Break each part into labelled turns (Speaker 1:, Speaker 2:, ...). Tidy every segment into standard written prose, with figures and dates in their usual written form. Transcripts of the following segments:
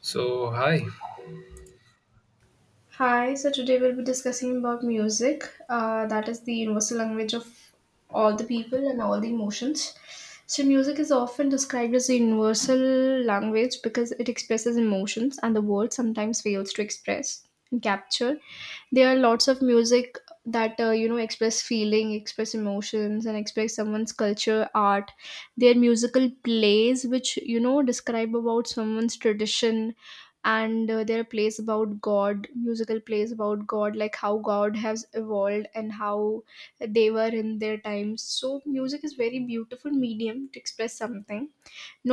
Speaker 1: So hi,
Speaker 2: Hi, so today we'll be discussing about music. That is the universal language of all the people and all the emotions. So, music is often described as a universal language because it expresses emotions and the world sometimes fails to express and capture, there are lots of music that express feeling, express emotions and express someone's culture, art. There are musical plays which describe about someone's tradition, and there are plays about god, musical plays about god, like how god has evolved and how they were in their times. So music is very beautiful medium to express something,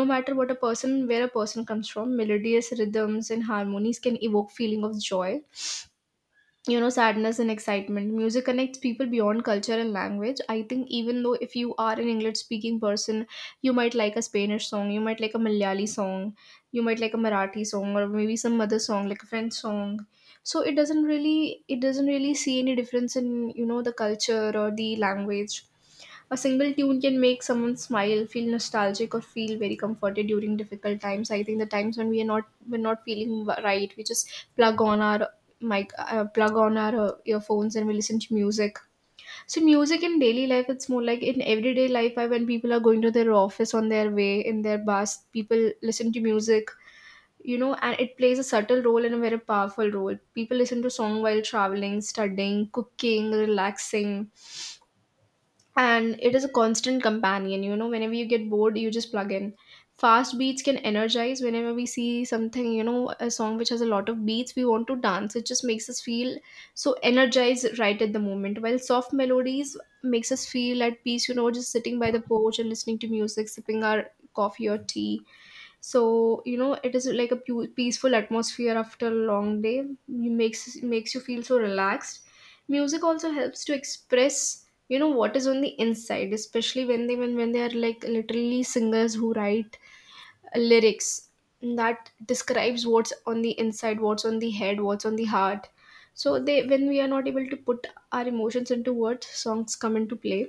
Speaker 2: no matter what a person, where a person comes from. Melodious rhythms and harmonies can evoke feeling of joy, sadness and excitement. Music connects people beyond culture and language. I think even though if you are an English speaking person, you might like a Spanish song, you might like a Malayali song, you might like a Marathi song, or maybe some other song like a French song. So it doesn't really see any difference in the culture or the language. A single tune can make someone smile, feel nostalgic, or feel very comforted during difficult times. I think the times when we're not feeling right, we just plug on our mic, plug on our earphones, and we listen to music. So music in daily life, it's more like in everyday life. I, when people are going to their office on their way in their bus, people listen to music. You know, and it plays a subtle role and a very powerful role. People listen to song while traveling, studying, cooking, relaxing, and it is a constant companion. You know, whenever you get bored, you just plug in. Fast beats can energize. Whenever we see something, a song which has a lot of beats, we want to dance. It just makes us feel so energized right at the moment, while soft melodies makes us feel at peace. You know, just sitting by the porch and listening to music, sipping our coffee or tea. So you know, it is like a peaceful atmosphere after a long day. You, makes you feel so relaxed. Music also helps to express, you know, what is on the inside, especially when they when they are, like, literally singers who write lyrics that describes what's on the inside, what's on the head, what's on the heart. So they, when we are not able to put our emotions into words, songs come into play.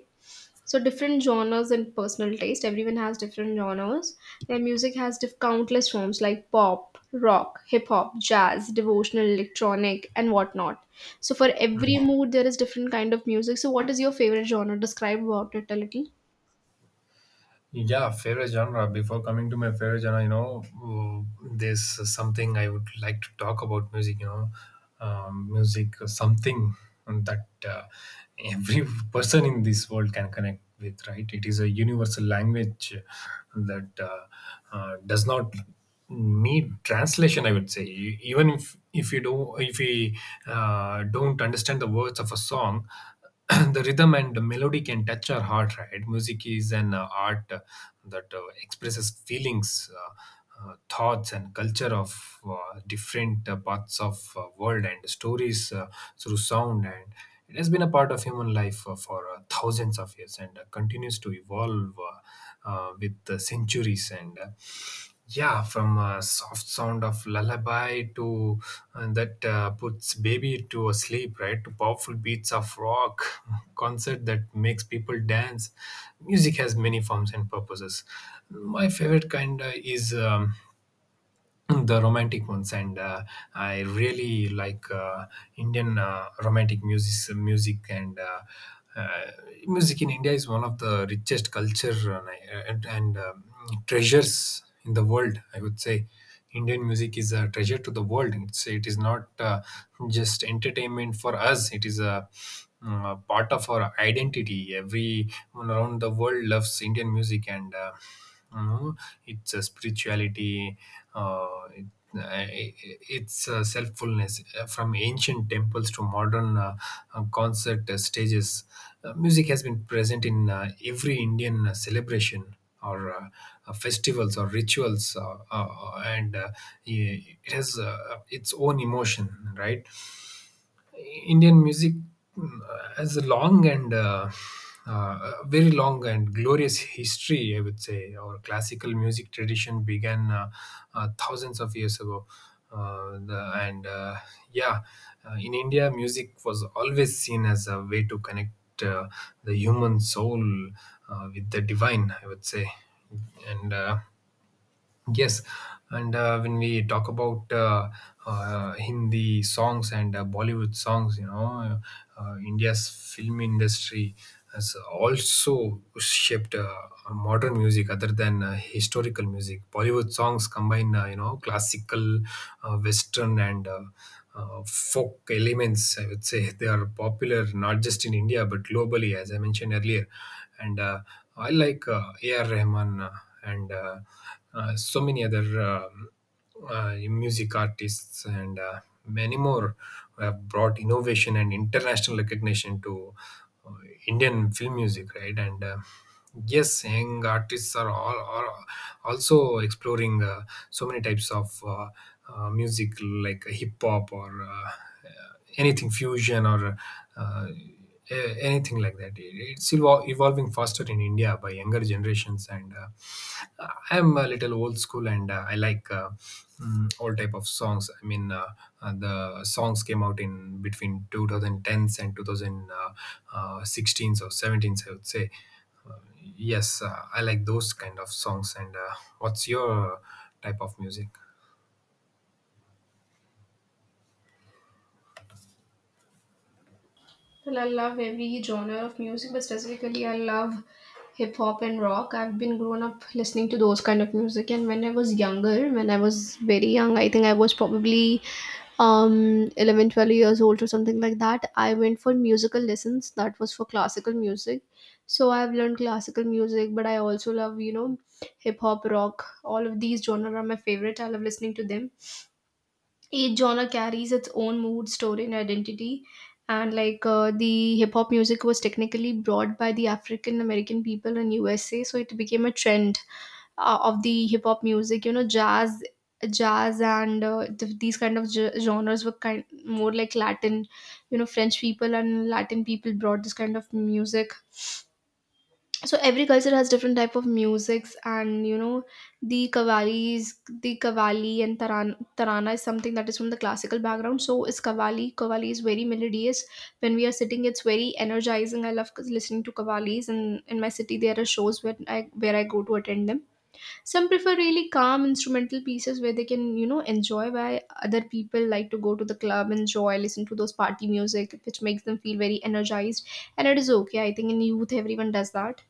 Speaker 2: So, different genres and personal taste. Everyone has different genres. Their music has countless forms like pop, rock, hip hop, jazz, devotional, electronic and whatnot. So for every mood there is different kind of music. So what is your favorite genre? Describe about it a little.
Speaker 1: yeah, favorite genre. Before coming to my favorite genre, there's something I would like to talk about music. Music something that every person in this world can connect with. Right? It is a universal language that does not need translation. I would say, E- even if you don't if we don't understand the words of a song. The rhythm and the melody can touch our heart, right? Music is an art that expresses feelings, thoughts, and culture of different parts of world and stories, through sound, and it has been a part of human life for thousands of years and continues to evolve, with the centuries. From a soft sound of lullaby to that puts baby to a sleep, right? To powerful beats of rock concert that makes people dance. Music has many forms and purposes. My favorite kind is the romantic ones, and I really like indian romantic music and uh, music in india is one of the richest culture, and treasures in the world, I would say. Indian music is a treasure to the world. It is not just entertainment for us. It is a part of our identity. Everyone around the world loves indian music. You know, it's a spirituality. uh, it, uh, it's selffulness. From ancient temples to modern concert stages, music has been present in every indian celebration or festivals or rituals. I- it has its own emotion, right? Indian music, mm, has a long and, very long and glorious history, I would say. Our classical music tradition began thousands of years ago. Uh, the, and uh, yeah, in India, music was always seen as a way to connect the human soul with the divine, I would say. And Yes, and When we talk about Hindi songs and Bollywood songs, you know, India's film industry has also shaped modern music other than historical music. Bollywood songs combine, you know, classical, Western, and, folk elements. I would say they are popular not just in India but globally, as I mentioned earlier. And I like A.R. Rahman. And So many other, music artists and many more who have brought innovation and international recognition to uh, Indian film music, right? And Yes, young artists are also exploring so many types of music like hip hop or anything fusion or uh, anything like that. It's still evolving faster in India by younger generations. And. I'm a little old school, and I like, all type of songs. The songs came out in between 2010s and 2016s or 17s, I would say. Yes, I like those kind of songs. And What's your type of music?
Speaker 2: Well, I love every genre of music, but specifically, I love hip hop and rock. I've been grown up listening to those kind of music, and when I was younger, when I was very young, I think I was probably um 11, 12 years old or something like that. I went for musical lessons, that was for classical music. So I've learned classical music, but I also love, you know, hip hop, rock, all of these genre are my favorite. I love listening to them. Each genre carries its own mood, story and identity. And like, the hip hop music was technically brought by the African American people in USA, so it became a trend of the hip hop music. You know, jazz, and these kind of genres were kind more like Latin. You know, French people and Latin people brought this kind of music. So every culture has different type of musics. And you know, the qavalis, the kavali and tarana is something that is from the classical background, so is kavali. Kavali is very melodious. When we are sitting, it's very energizing. I love listening to kavalis. And in my city there are shows where I go to attend them. Some prefer really calm instrumental pieces where they can, you know, enjoy, while other people like to go to the club, enjoy, listen to those party music which makes them feel very energized. And it is okay, I think in youth everyone does that.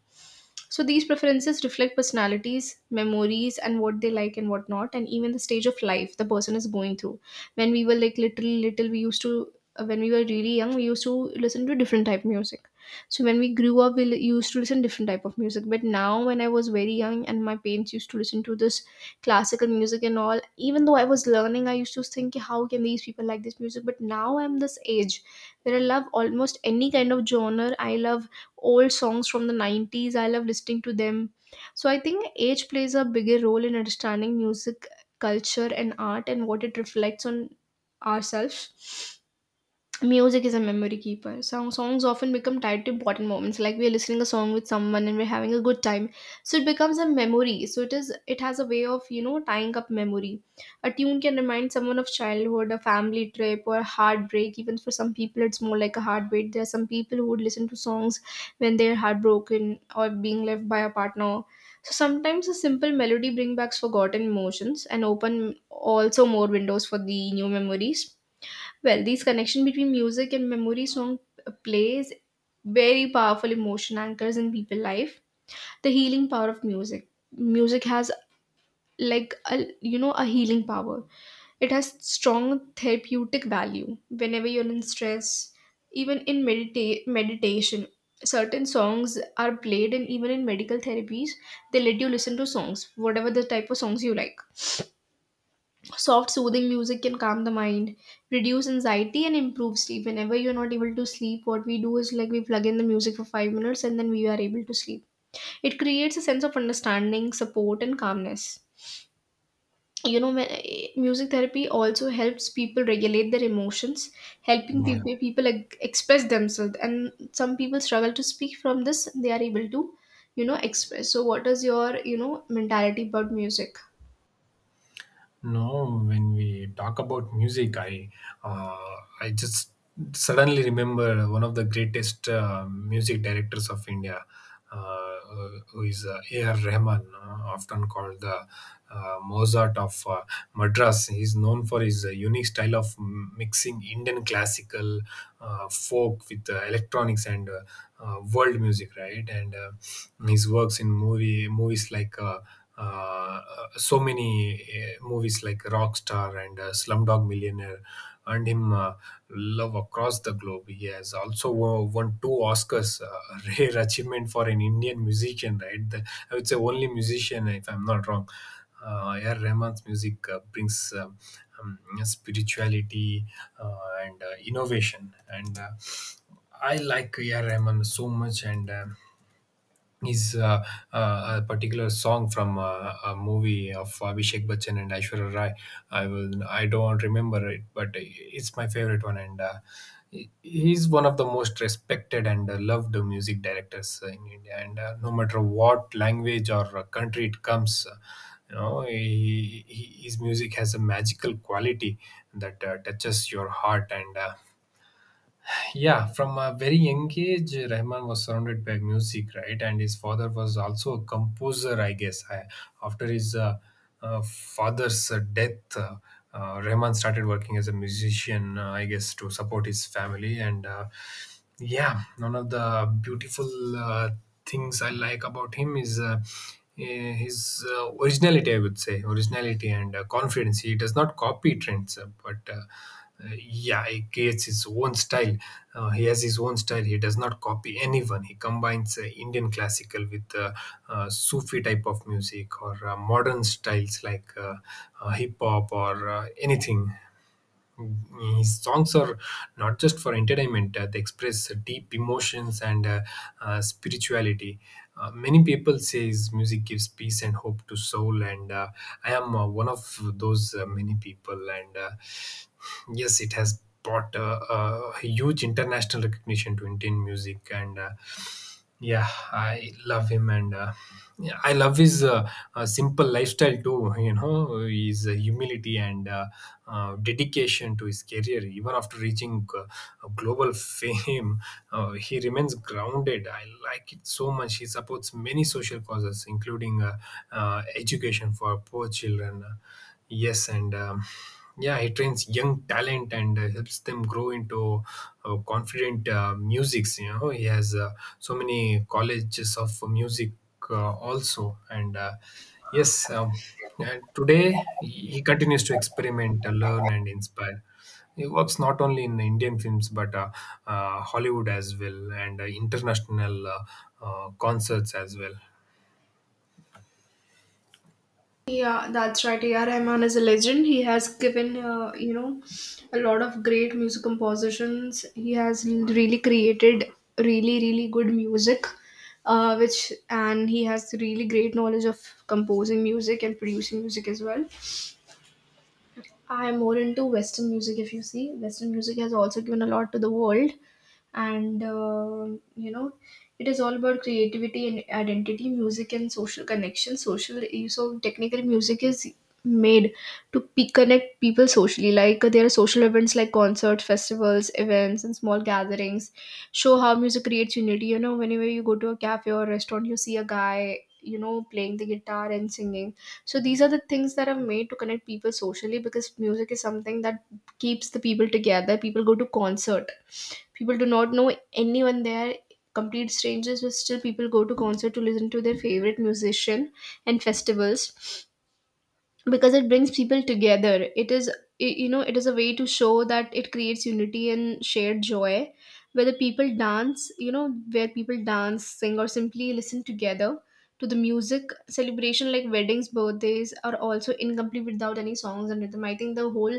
Speaker 2: So these preferences reflect personalities, memories, and what they like and what not, and even the stage of life the person is going through. When we were like little, we used to, when we were really young, we used to listen to different type of music. So when we grew up, we used to listen different type of music. But now, when I was very young, and my parents used to listen to this classical music and all, even though I was learning, I used to think, "Yeah, how can these people like this music?" But now I'm this age where I love almost any kind of genre. I love old songs from the 90s, I love listening to them. So I think age plays a bigger role in understanding music, culture and art and what it reflects on ourselves. Music is a memory keeper. Songs often become tied to important moments, like we are listening a song with someone and we're having a good time. So it becomes a memory. So it is. It has a way of, you know, tying up memory. A tune can remind someone of childhood, a family trip, or heartbreak. Even for some people, it's more like a heartbreak. There are some people who would listen to songs when they're heartbroken or being left by a partner. So sometimes a simple melody brings back forgotten emotions and open also more windows for the new memories. Well, this connection between music and memory, song plays very powerful emotion anchors in people life. The healing power of music. Music has like, a you know, a healing power. It has strong therapeutic value. Whenever you're in stress, even in meditation, certain songs are played, and even in medical therapies, they let you listen to songs, whatever the type of songs you like. Soft, soothing music can calm the mind, reduce anxiety, and improve sleep. Whenever you're not able to sleep, what we do is like we plug in the music for 5 minutes and then we are able to sleep. It creates a sense of understanding, support, and calmness. You know, music therapy also helps people regulate their emotions, helping
Speaker 1: Yeah.
Speaker 2: people, like, express themselves. And some people struggle to speak from this, they are able to, you know, express. So, what is your, you know, mentality about music?
Speaker 1: No, when we talk about music, uh, I just suddenly remember one of the greatest music directors of India, uh, who is A.R. Rahman, often called the Mozart of Madras. He's known for his unique style of mixing Indian classical, folk with electronics and, world music, right? And His works in movies like. Uh, so many movies like Rockstar and Slumdog Millionaire earned him love across the globe. He has also won two Oscars, a rare achievement for an Indian musician, right? The, I would say only musician, if I'm not wrong. A.R. Rahman's music brings, um, spirituality uh, and innovation, and, I like A.R. Rahman so much, and is a particular song from a movie of Abhishek Bachchan and Aishwarya Rai. I don't remember it, but it's my favorite one. He's one of the most respected and loved music directors in India. And No matter what language or country it comes. His music has a magical quality that touches your heart. And yeah From a very young age, rahman was surrounded by music, right? And his father was also a composer, I guess. After his, father's death, rahman started working as a musician, I guess, to support his family. And Yeah, one of the beautiful things I like about him is, his originality, I would say, originality and confidence. He does not copy trends, but yeah, he creates his own style. He has his own style. He does not copy anyone. He combines Indian classical with, Sufi type of music or modern styles like hip hop or anything. His songs are not just for entertainment. They express deep emotions and, spirituality. Many people say his music gives peace and hope to soul. And I am one of those many people. And Yes, it has brought, a huge international recognition to indian music. And Yeah, I love him. And Yeah, I love his simple lifestyle too. You know, his humility and, dedication to his career. Even after reaching a global fame, he remains grounded. I like it so much. He supports many social causes, including education for poor children. Yes, and yeah, he trains young talent and helps them grow into confident musics. You know, he has so many colleges of music also. And Yes, and today he continues to experiment, learn, and inspire. He works not only in Indian films but, Hollywood as well, and international, concerts as well.
Speaker 2: Yeah, that's right. A.R. Rahman is a legend. He has given, you know, a lot of great music compositions. He has really created really, really good music, which and he has really great knowledge of composing music and producing music as well. I'm more into Western music. If you see, Western music has also given a lot to the world. And um, you know, it is all about creativity and identity, music and social connection, social. So technical music is made to connect people socially. Like, there are social events like concerts, festivals, events and small gatherings, show how music creates unity. You know, whenever you go to a cafe or restaurant, you see a guy, you know, playing the guitar and singing. So these are the things that are made to connect people socially, because music is something that keeps the people together. People go to concert, people do not know anyone there, complete strangers, but still people go to concert to listen to their favorite musician and festivals, because it brings people together. It is, you know, it is a way to show that it creates unity and shared joy, where the people dance. You know, where people dance, sing, or simply listen together to the music. Celebration like weddings, birthdays are also incomplete without any songs and rhythm. I think the whole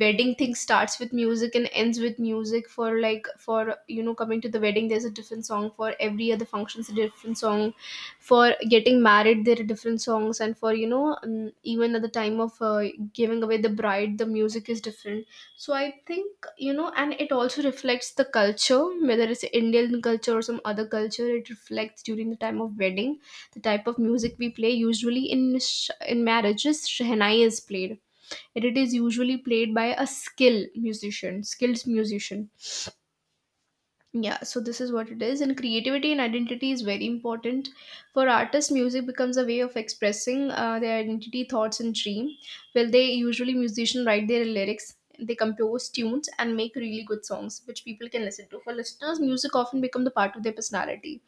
Speaker 2: wedding thing starts with music and ends with music. For like, for, you know, coming to the wedding, there's a different song for every other function. It's a different song for getting married, there are different songs, and for, you know, even at the time of, giving away the bride, the music is different. So I think, you know, and it also reflects the culture, whether it's Indian culture or some other culture, it reflects during the time of wedding. The type of music we play usually in in marriages, shehnai is played, and it is usually played by a skilled musician. Yeah, so this is what it is. And creativity and identity is very important. For artists, music becomes a way of expressing their identity, thoughts, and dream. Well, they usually musicians write their lyrics, they compose tunes, and make really good songs, which people can listen to. For listeners, music often become the part of their personality,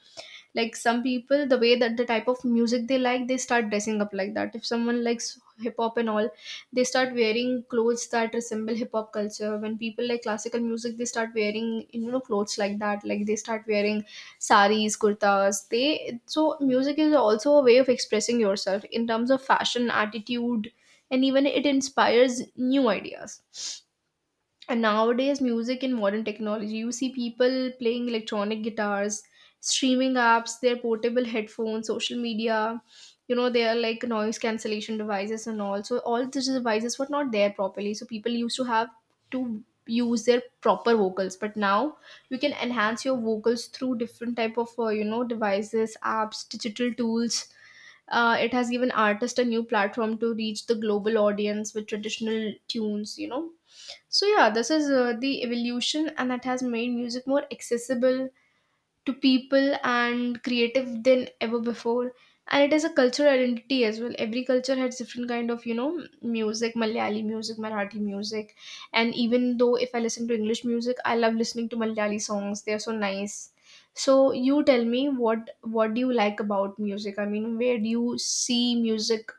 Speaker 2: like some people, the way that the type of music they like, they start dressing up like that. If someone likes hip hop and all, they start wearing clothes that resemble hip hop culture. When people like classical music, they start wearing, you know, clothes like that, like they start wearing saris, kurtas. They, so music is also a way of expressing yourself in terms of fashion, attitude, and even it inspires new ideas. And nowadays music and modern technology, you see people playing electronic guitars, streaming apps, their portable headphones, social media. You know, they are like noise cancellation devices and all. So all these devices were not there properly, so people used to have to use their proper vocals. But now you can enhance your vocals through different type of you know, devices, apps, digital tools. It has given artists a new platform to reach the global audience with traditional tunes, you know. So yeah, this is the evolution, and that has made music more accessible to people and creative than ever before. And it is a cultural identity as well. Every culture has different kind of, you know, music, Malayali music, Marathi music, and even though if I listen to English music, I love listening to Malayali songs. They are so nice. So you tell me what do you like about music? I mean, where do you see music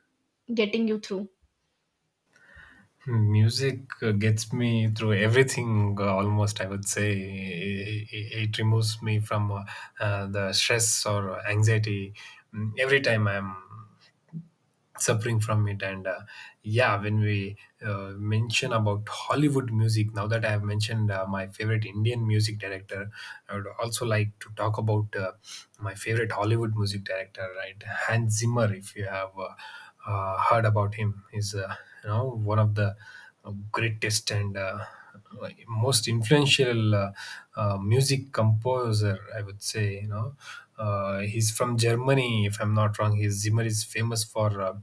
Speaker 2: getting you through?
Speaker 1: Hmm, music gets me through everything, almost, I would say. It removes me from, the stress or anxiety, every time I'm suffering from it. And Yeah, when we mention about Hollywood music, now that I have mentioned my favorite Indian music director, I would also like to talk about my favorite Hollywood music director, right? Hans Zimmer, if you have, heard about him, is you know, one of the greatest and most influential music composer, I would say. You know, he's from Germany, if I'm not wrong. His Zimmer is famous for,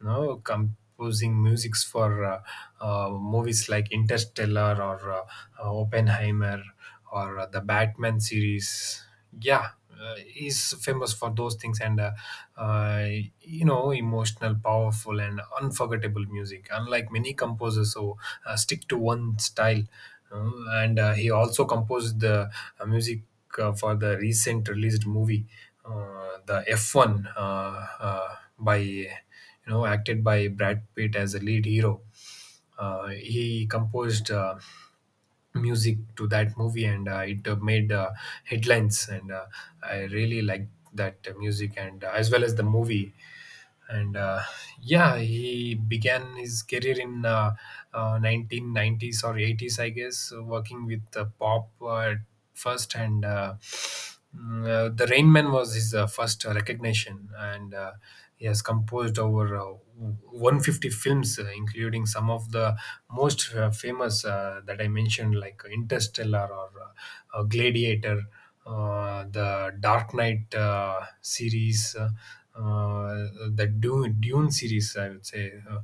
Speaker 1: you know, composing musics for movies like Interstellar or, Oppenheimer or the Batman series. Yeah, is famous for those things, and, uh, you know, emotional, powerful and unforgettable music, unlike many composers who stick to one style. Uh, and He also composed the music for the recent released movie, the F1, by you know, acted by brad pitt as a lead hero. He composed music to that movie, and it made headlines. And I really liked that music, and as well as the movie. And yeah He began his career in, 1990s or 80s, I guess, working with pop at first. The rain man was his first recognition. And He has composed over 150 films, including some of the most famous that I mentioned, like interstellar or, gladiator, the Dark Knight series, the Dune series, I would say.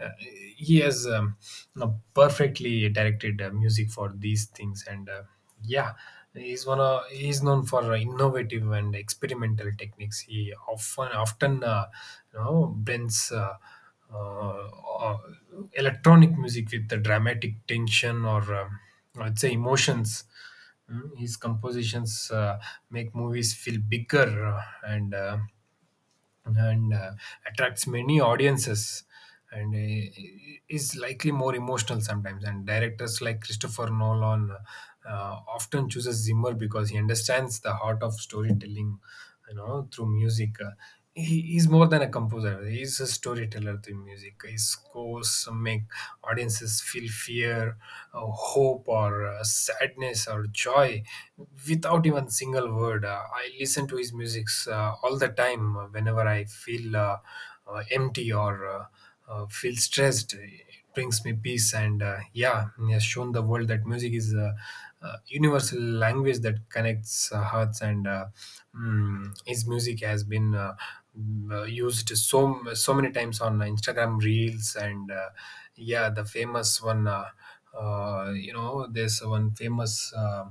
Speaker 1: uh, he has, you know, perfectly directed music for these things. And Yeah, he's one of he's known for innovative and experimental techniques. He often you know, blends, uh, uh, electronic music with the dramatic tension or, I'd say, emotions. His compositions make movies feel bigger, and attracts many audiences, and is likely more emotional sometimes, and directors like christopher nolan often chooses zimmer because he understands the heart of storytelling, you know, through music. He is more than a composer. He is a storyteller through music. His scores make audiences feel fear, hope, or sadness or joy without even single word. I listen to his music all the time whenever I feel empty or feel stressed. It brings me peace, and yeah, he has shown the world that music is a universal language that connects hearts, and his music used so many times on Instagram reels and yeah, the famous one, you know, there's one famous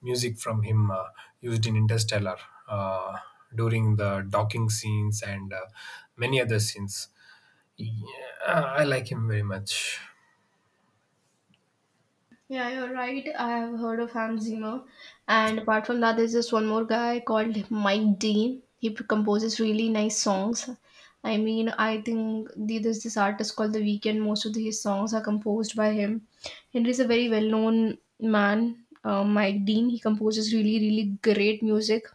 Speaker 1: music from him used in Interstellar uh, during the docking scenes and many other scenes. Yeah, I like him very much.
Speaker 2: Yeah, you're right. I have heard of Hans Zimmer. And apart from that, there's just one more guy called Mike Dean. He composes really nice songs. I mean, I think there's this artist called The Weeknd. Most of his songs are composed by him. Henry's a very well known man, Mike Dean. He composes really, really great music.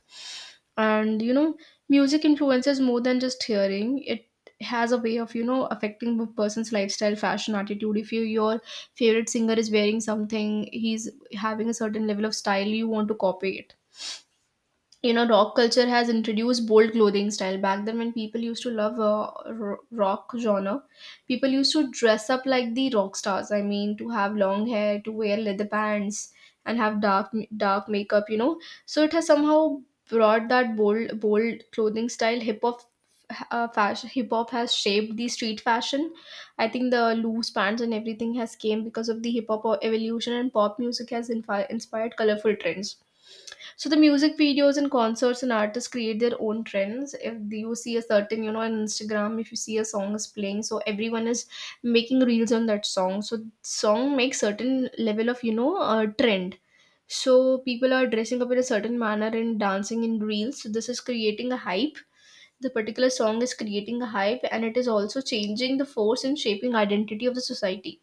Speaker 2: And you know, music influences more than just hearing it. Has a way of, you know, affecting a person's lifestyle, fashion, attitude. If you, your favorite singer is wearing something, he's having a certain level of style, you want to copy it. You know, rock culture has introduced bold clothing style. Back then, when people used to love rock genre, people used to dress up like the rock stars. I mean, to have long hair, to wear leather pants, and have dark makeup, you know. So it has somehow brought that bold clothing style. Hip hop, fashion, hip hop has shaped the street fashion. I think the loose pants and everything has came because of the hip hop evolution, and pop music has inspired colorful trends. So the music videos and concerts and artists create their own trends. If you see a certain, you know, on Instagram, if you see a song is playing, so everyone is making reels on that song. So song makes certain level of, you know, trend. So people are dressing up in a certain manner and dancing in reels. So this is creating a hype. The particular song is creating a hype, and it is also changing the force and shaping identity of the society.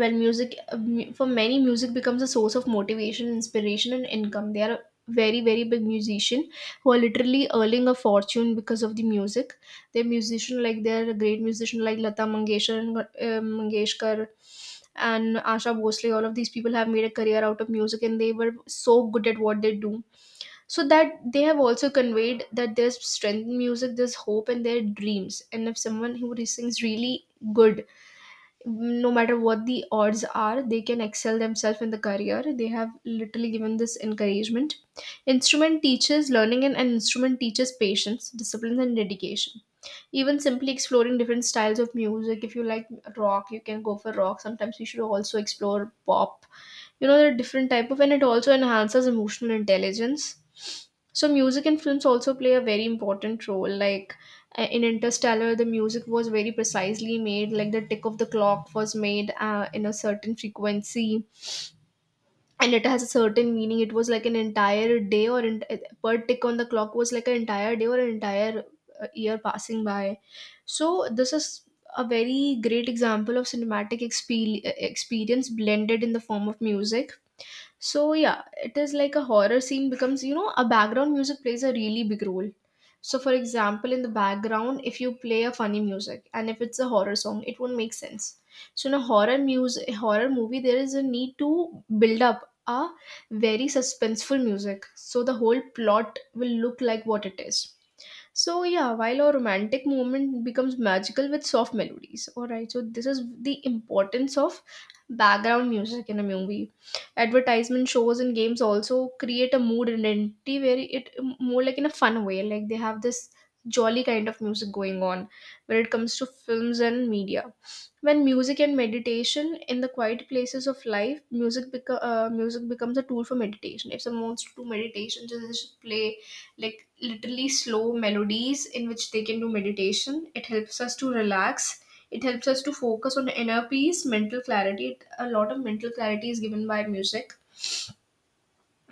Speaker 2: Well, music, for many, music becomes a source of motivation, inspiration, and income. They are a very big musician who are literally earning a fortune because of the music. They're musician, like they're a great musician, like Lata Mangeshkar and Mangeshkar and Asha Bhosle. All of these people have made a career out of music, and they were so good at what they do, so that they have also conveyed that there's strength in music, there's hope and their dreams. And if someone who sings really good, no matter what the odds are, they can excel themselves in the career. They have literally given this encouragement. Instrument teaches learning, and an instrument teaches patience, discipline, and dedication. Even simply exploring different styles of music, if you like rock, you can go for rock. Sometimes you should also explore pop. You know, there are different type of, and it also enhances emotional intelligence. So music and films also play a very important role. Like in Interstellar, the music was very precisely made. Like the tick of the clock was made in a certain frequency, and it has a certain meaning. It was like an entire day, or in, per tick on the clock was like an entire day or an entire year passing by. So this is a very great example of cinematic experience blended in the form of music. So yeah, it is like a horror scene becomes, you know, a background music plays a really big role. So for example, in the background, if you play a funny music and if it's a horror song, it won't make sense. So in a horror music, horror movie, there is a need to build up a very suspenseful music. So the whole plot will look like what it is. So yeah, while our romantic moment becomes magical with soft melodies. Alright, so this is the importance of background music in a movie. Advertisement shows and games also create a mood identity where it more like in a fun way. Like they have this jolly kind of music going on when it comes to films and media. When music and meditation in the quiet places of life, music music becomes a tool for meditation. If someone wants to do meditation, just play like literally slow melodies in which they can do meditation. It helps us to relax. It helps us to focus on inner peace, mental clarity. A lot of mental clarity is given by music.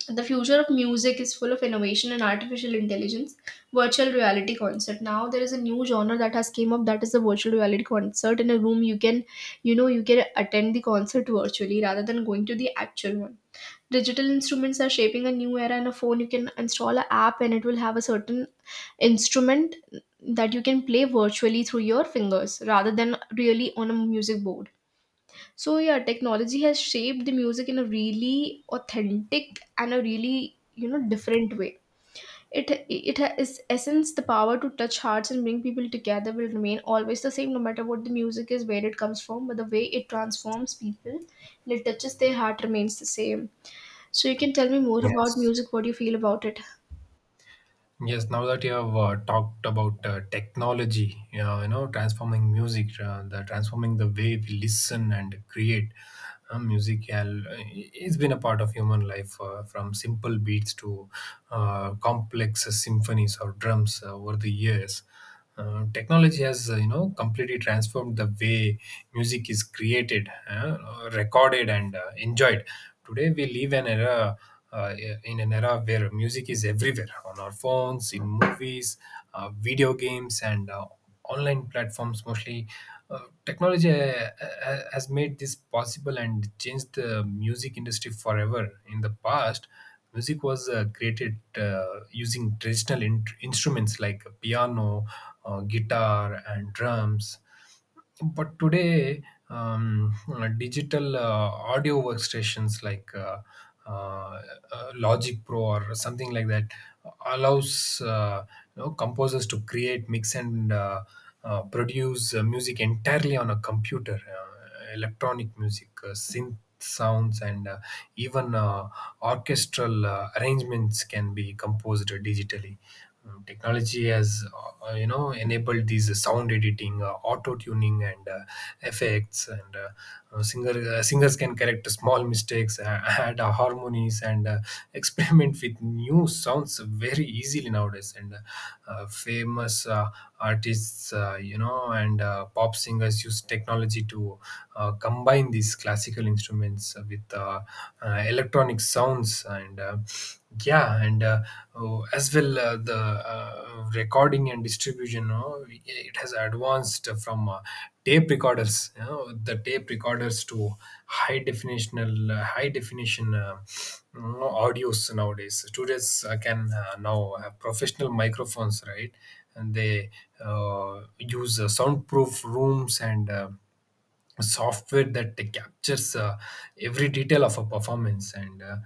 Speaker 2: The future of music is full of innovation and artificial intelligence. Virtual reality concert. Now there is a new genre that has came up, that is the virtual reality concert. In a room you can, you know, you can attend the concert virtually rather than going to the actual one. Digital instruments are shaping a new era. In a phone you can install an app, and it will have a certain instrument that you can play virtually through your fingers rather than really on a music board. So, yeah, technology has shaped the music in a really authentic and a really, you know, different way. It is essence, the power to touch hearts and bring people together will remain always the same, no matter what the music is, where it comes from, but the way it transforms people and it touches their heart remains the same. So you can tell me more about
Speaker 1: Yes.
Speaker 2: music, what you feel about it.
Speaker 1: Yes, now that you have talked about technology, you know, transforming music, the transforming the way we listen and create music, it's been a part of human life from simple beats to complex symphonies or drums over the years. Technology has you know completely transformed the way music is created recorded and enjoyed today. We live an era, uh, in an era where music is everywhere, on our phones, in movies, video games, and online platforms mostly. Technology has made this possible and changed the music industry forever. In the past, music was created using traditional instruments like piano, guitar, and drums, but today digital audio workstations like uh, Logic Pro or something like that allows, you know, composers to create, mix, and produce music entirely on a computer. Electronic music, synth sounds, and even orchestral arrangements can be composed digitally. Technology has, you know, enabled these sound editing, auto tuning, and effects, and uh, singer singers can correct small mistakes, add harmonies, and experiment with new sounds very easily nowadays. And famous artists, you know, and pop singers use technology to combine these classical instruments with electronic sounds and. Uh, yeah, and so as well, the uh, recording and distribution, you know, it has advanced from tape recorders, you know, the tape recorders to high definitional, high definition, you know, audios. Nowadays students can now have professional microphones, right, and they use soundproof rooms and software that captures every detail of a performance, and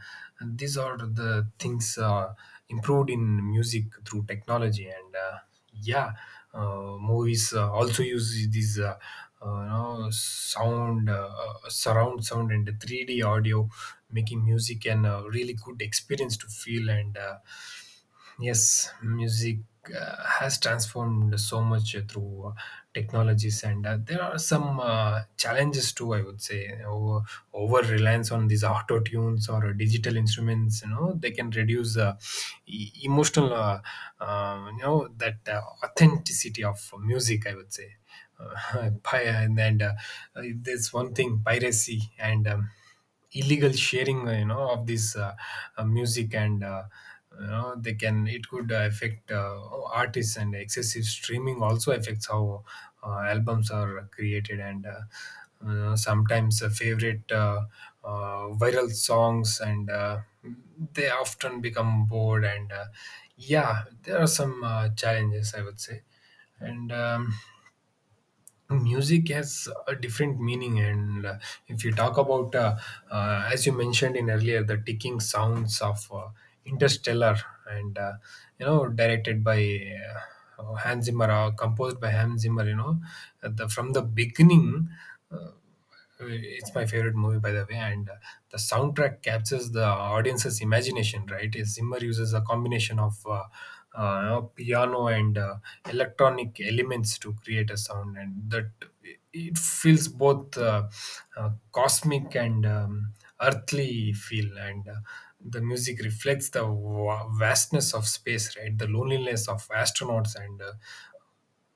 Speaker 1: and these are the things improved in music through technology, and yeah. Movies also use these you know sound, surround sound and 3D audio, making music and a really good experience to feel, and yes, music has transformed so much through technologies, and there are some challenges too, I would say. Over, over reliance on these auto tunes or digital instruments, you know, they can reduce emotional, you know, that authenticity of music, I would say. And there's one thing, piracy, and illegal sharing, you know, of this music, and you know, they can, it could affect artists, and excessive streaming also affects how albums are created, and sometimes favorite viral songs, and they often become bored, and yeah, there are some challenges, I would say. And music has a different meaning, and if you talk about, as you mentioned in earlier, the ticking sounds of Interstellar, and you know, directed by Hans Zimmer, or composed by Hans Zimmer, you know, from the beginning, uh, it's my favorite movie, by the way, and the soundtrack captures the audience's imagination, right? Zimmer uses a combination of you know, piano and electronic elements to create a sound, and that it feels both cosmic and earthly feel, and the music reflects the vastness of space, right, the loneliness of astronauts, and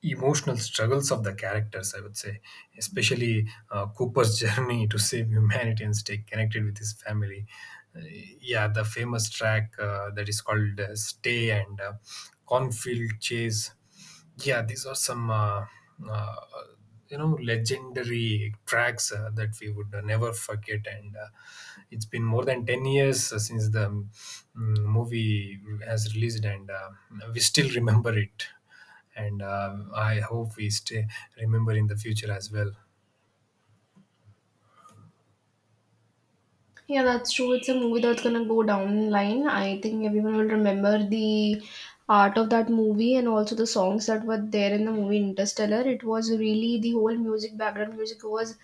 Speaker 1: emotional struggles of the characters, I would say, especially Cooper's journey to save humanity and stay connected with his family. Uh, yeah, the famous track that is called Stay, and Cornfield Chase. Yeah, these are some uh, you know, legendary tracks that we would never forget, and it's been more than 10 years since the movie has released, and we still remember it, and I hope we stay remember in the future as well.
Speaker 2: Yeah, that's true. It's a movie that's gonna go down in line. I think everyone will remember the art of that movie and also the songs that were there in the movie Interstellar. It was really, the whole music, background music, was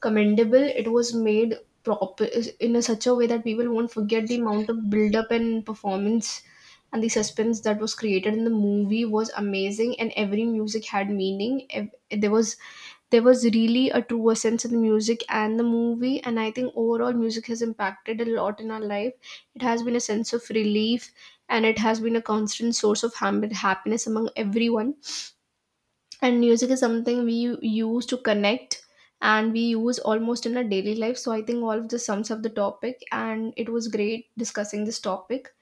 Speaker 2: commendable. It was made proper in a such a way that people won't forget the amount of build up and performance, and the suspense that was created in the movie was amazing, and every music had meaning. There was there was really a truer sense of the music and the movie. And I think overall music has impacted a lot in our life. It has been a sense of relief, and it has been a constant source of happiness among everyone. And music is something we use to connect, and we use almost in our daily life. So I think all of this sums up the topic, and it was great discussing this topic.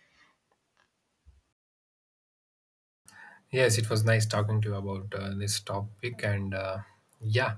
Speaker 1: Yes, it was nice talking to you about this topic. And yeah,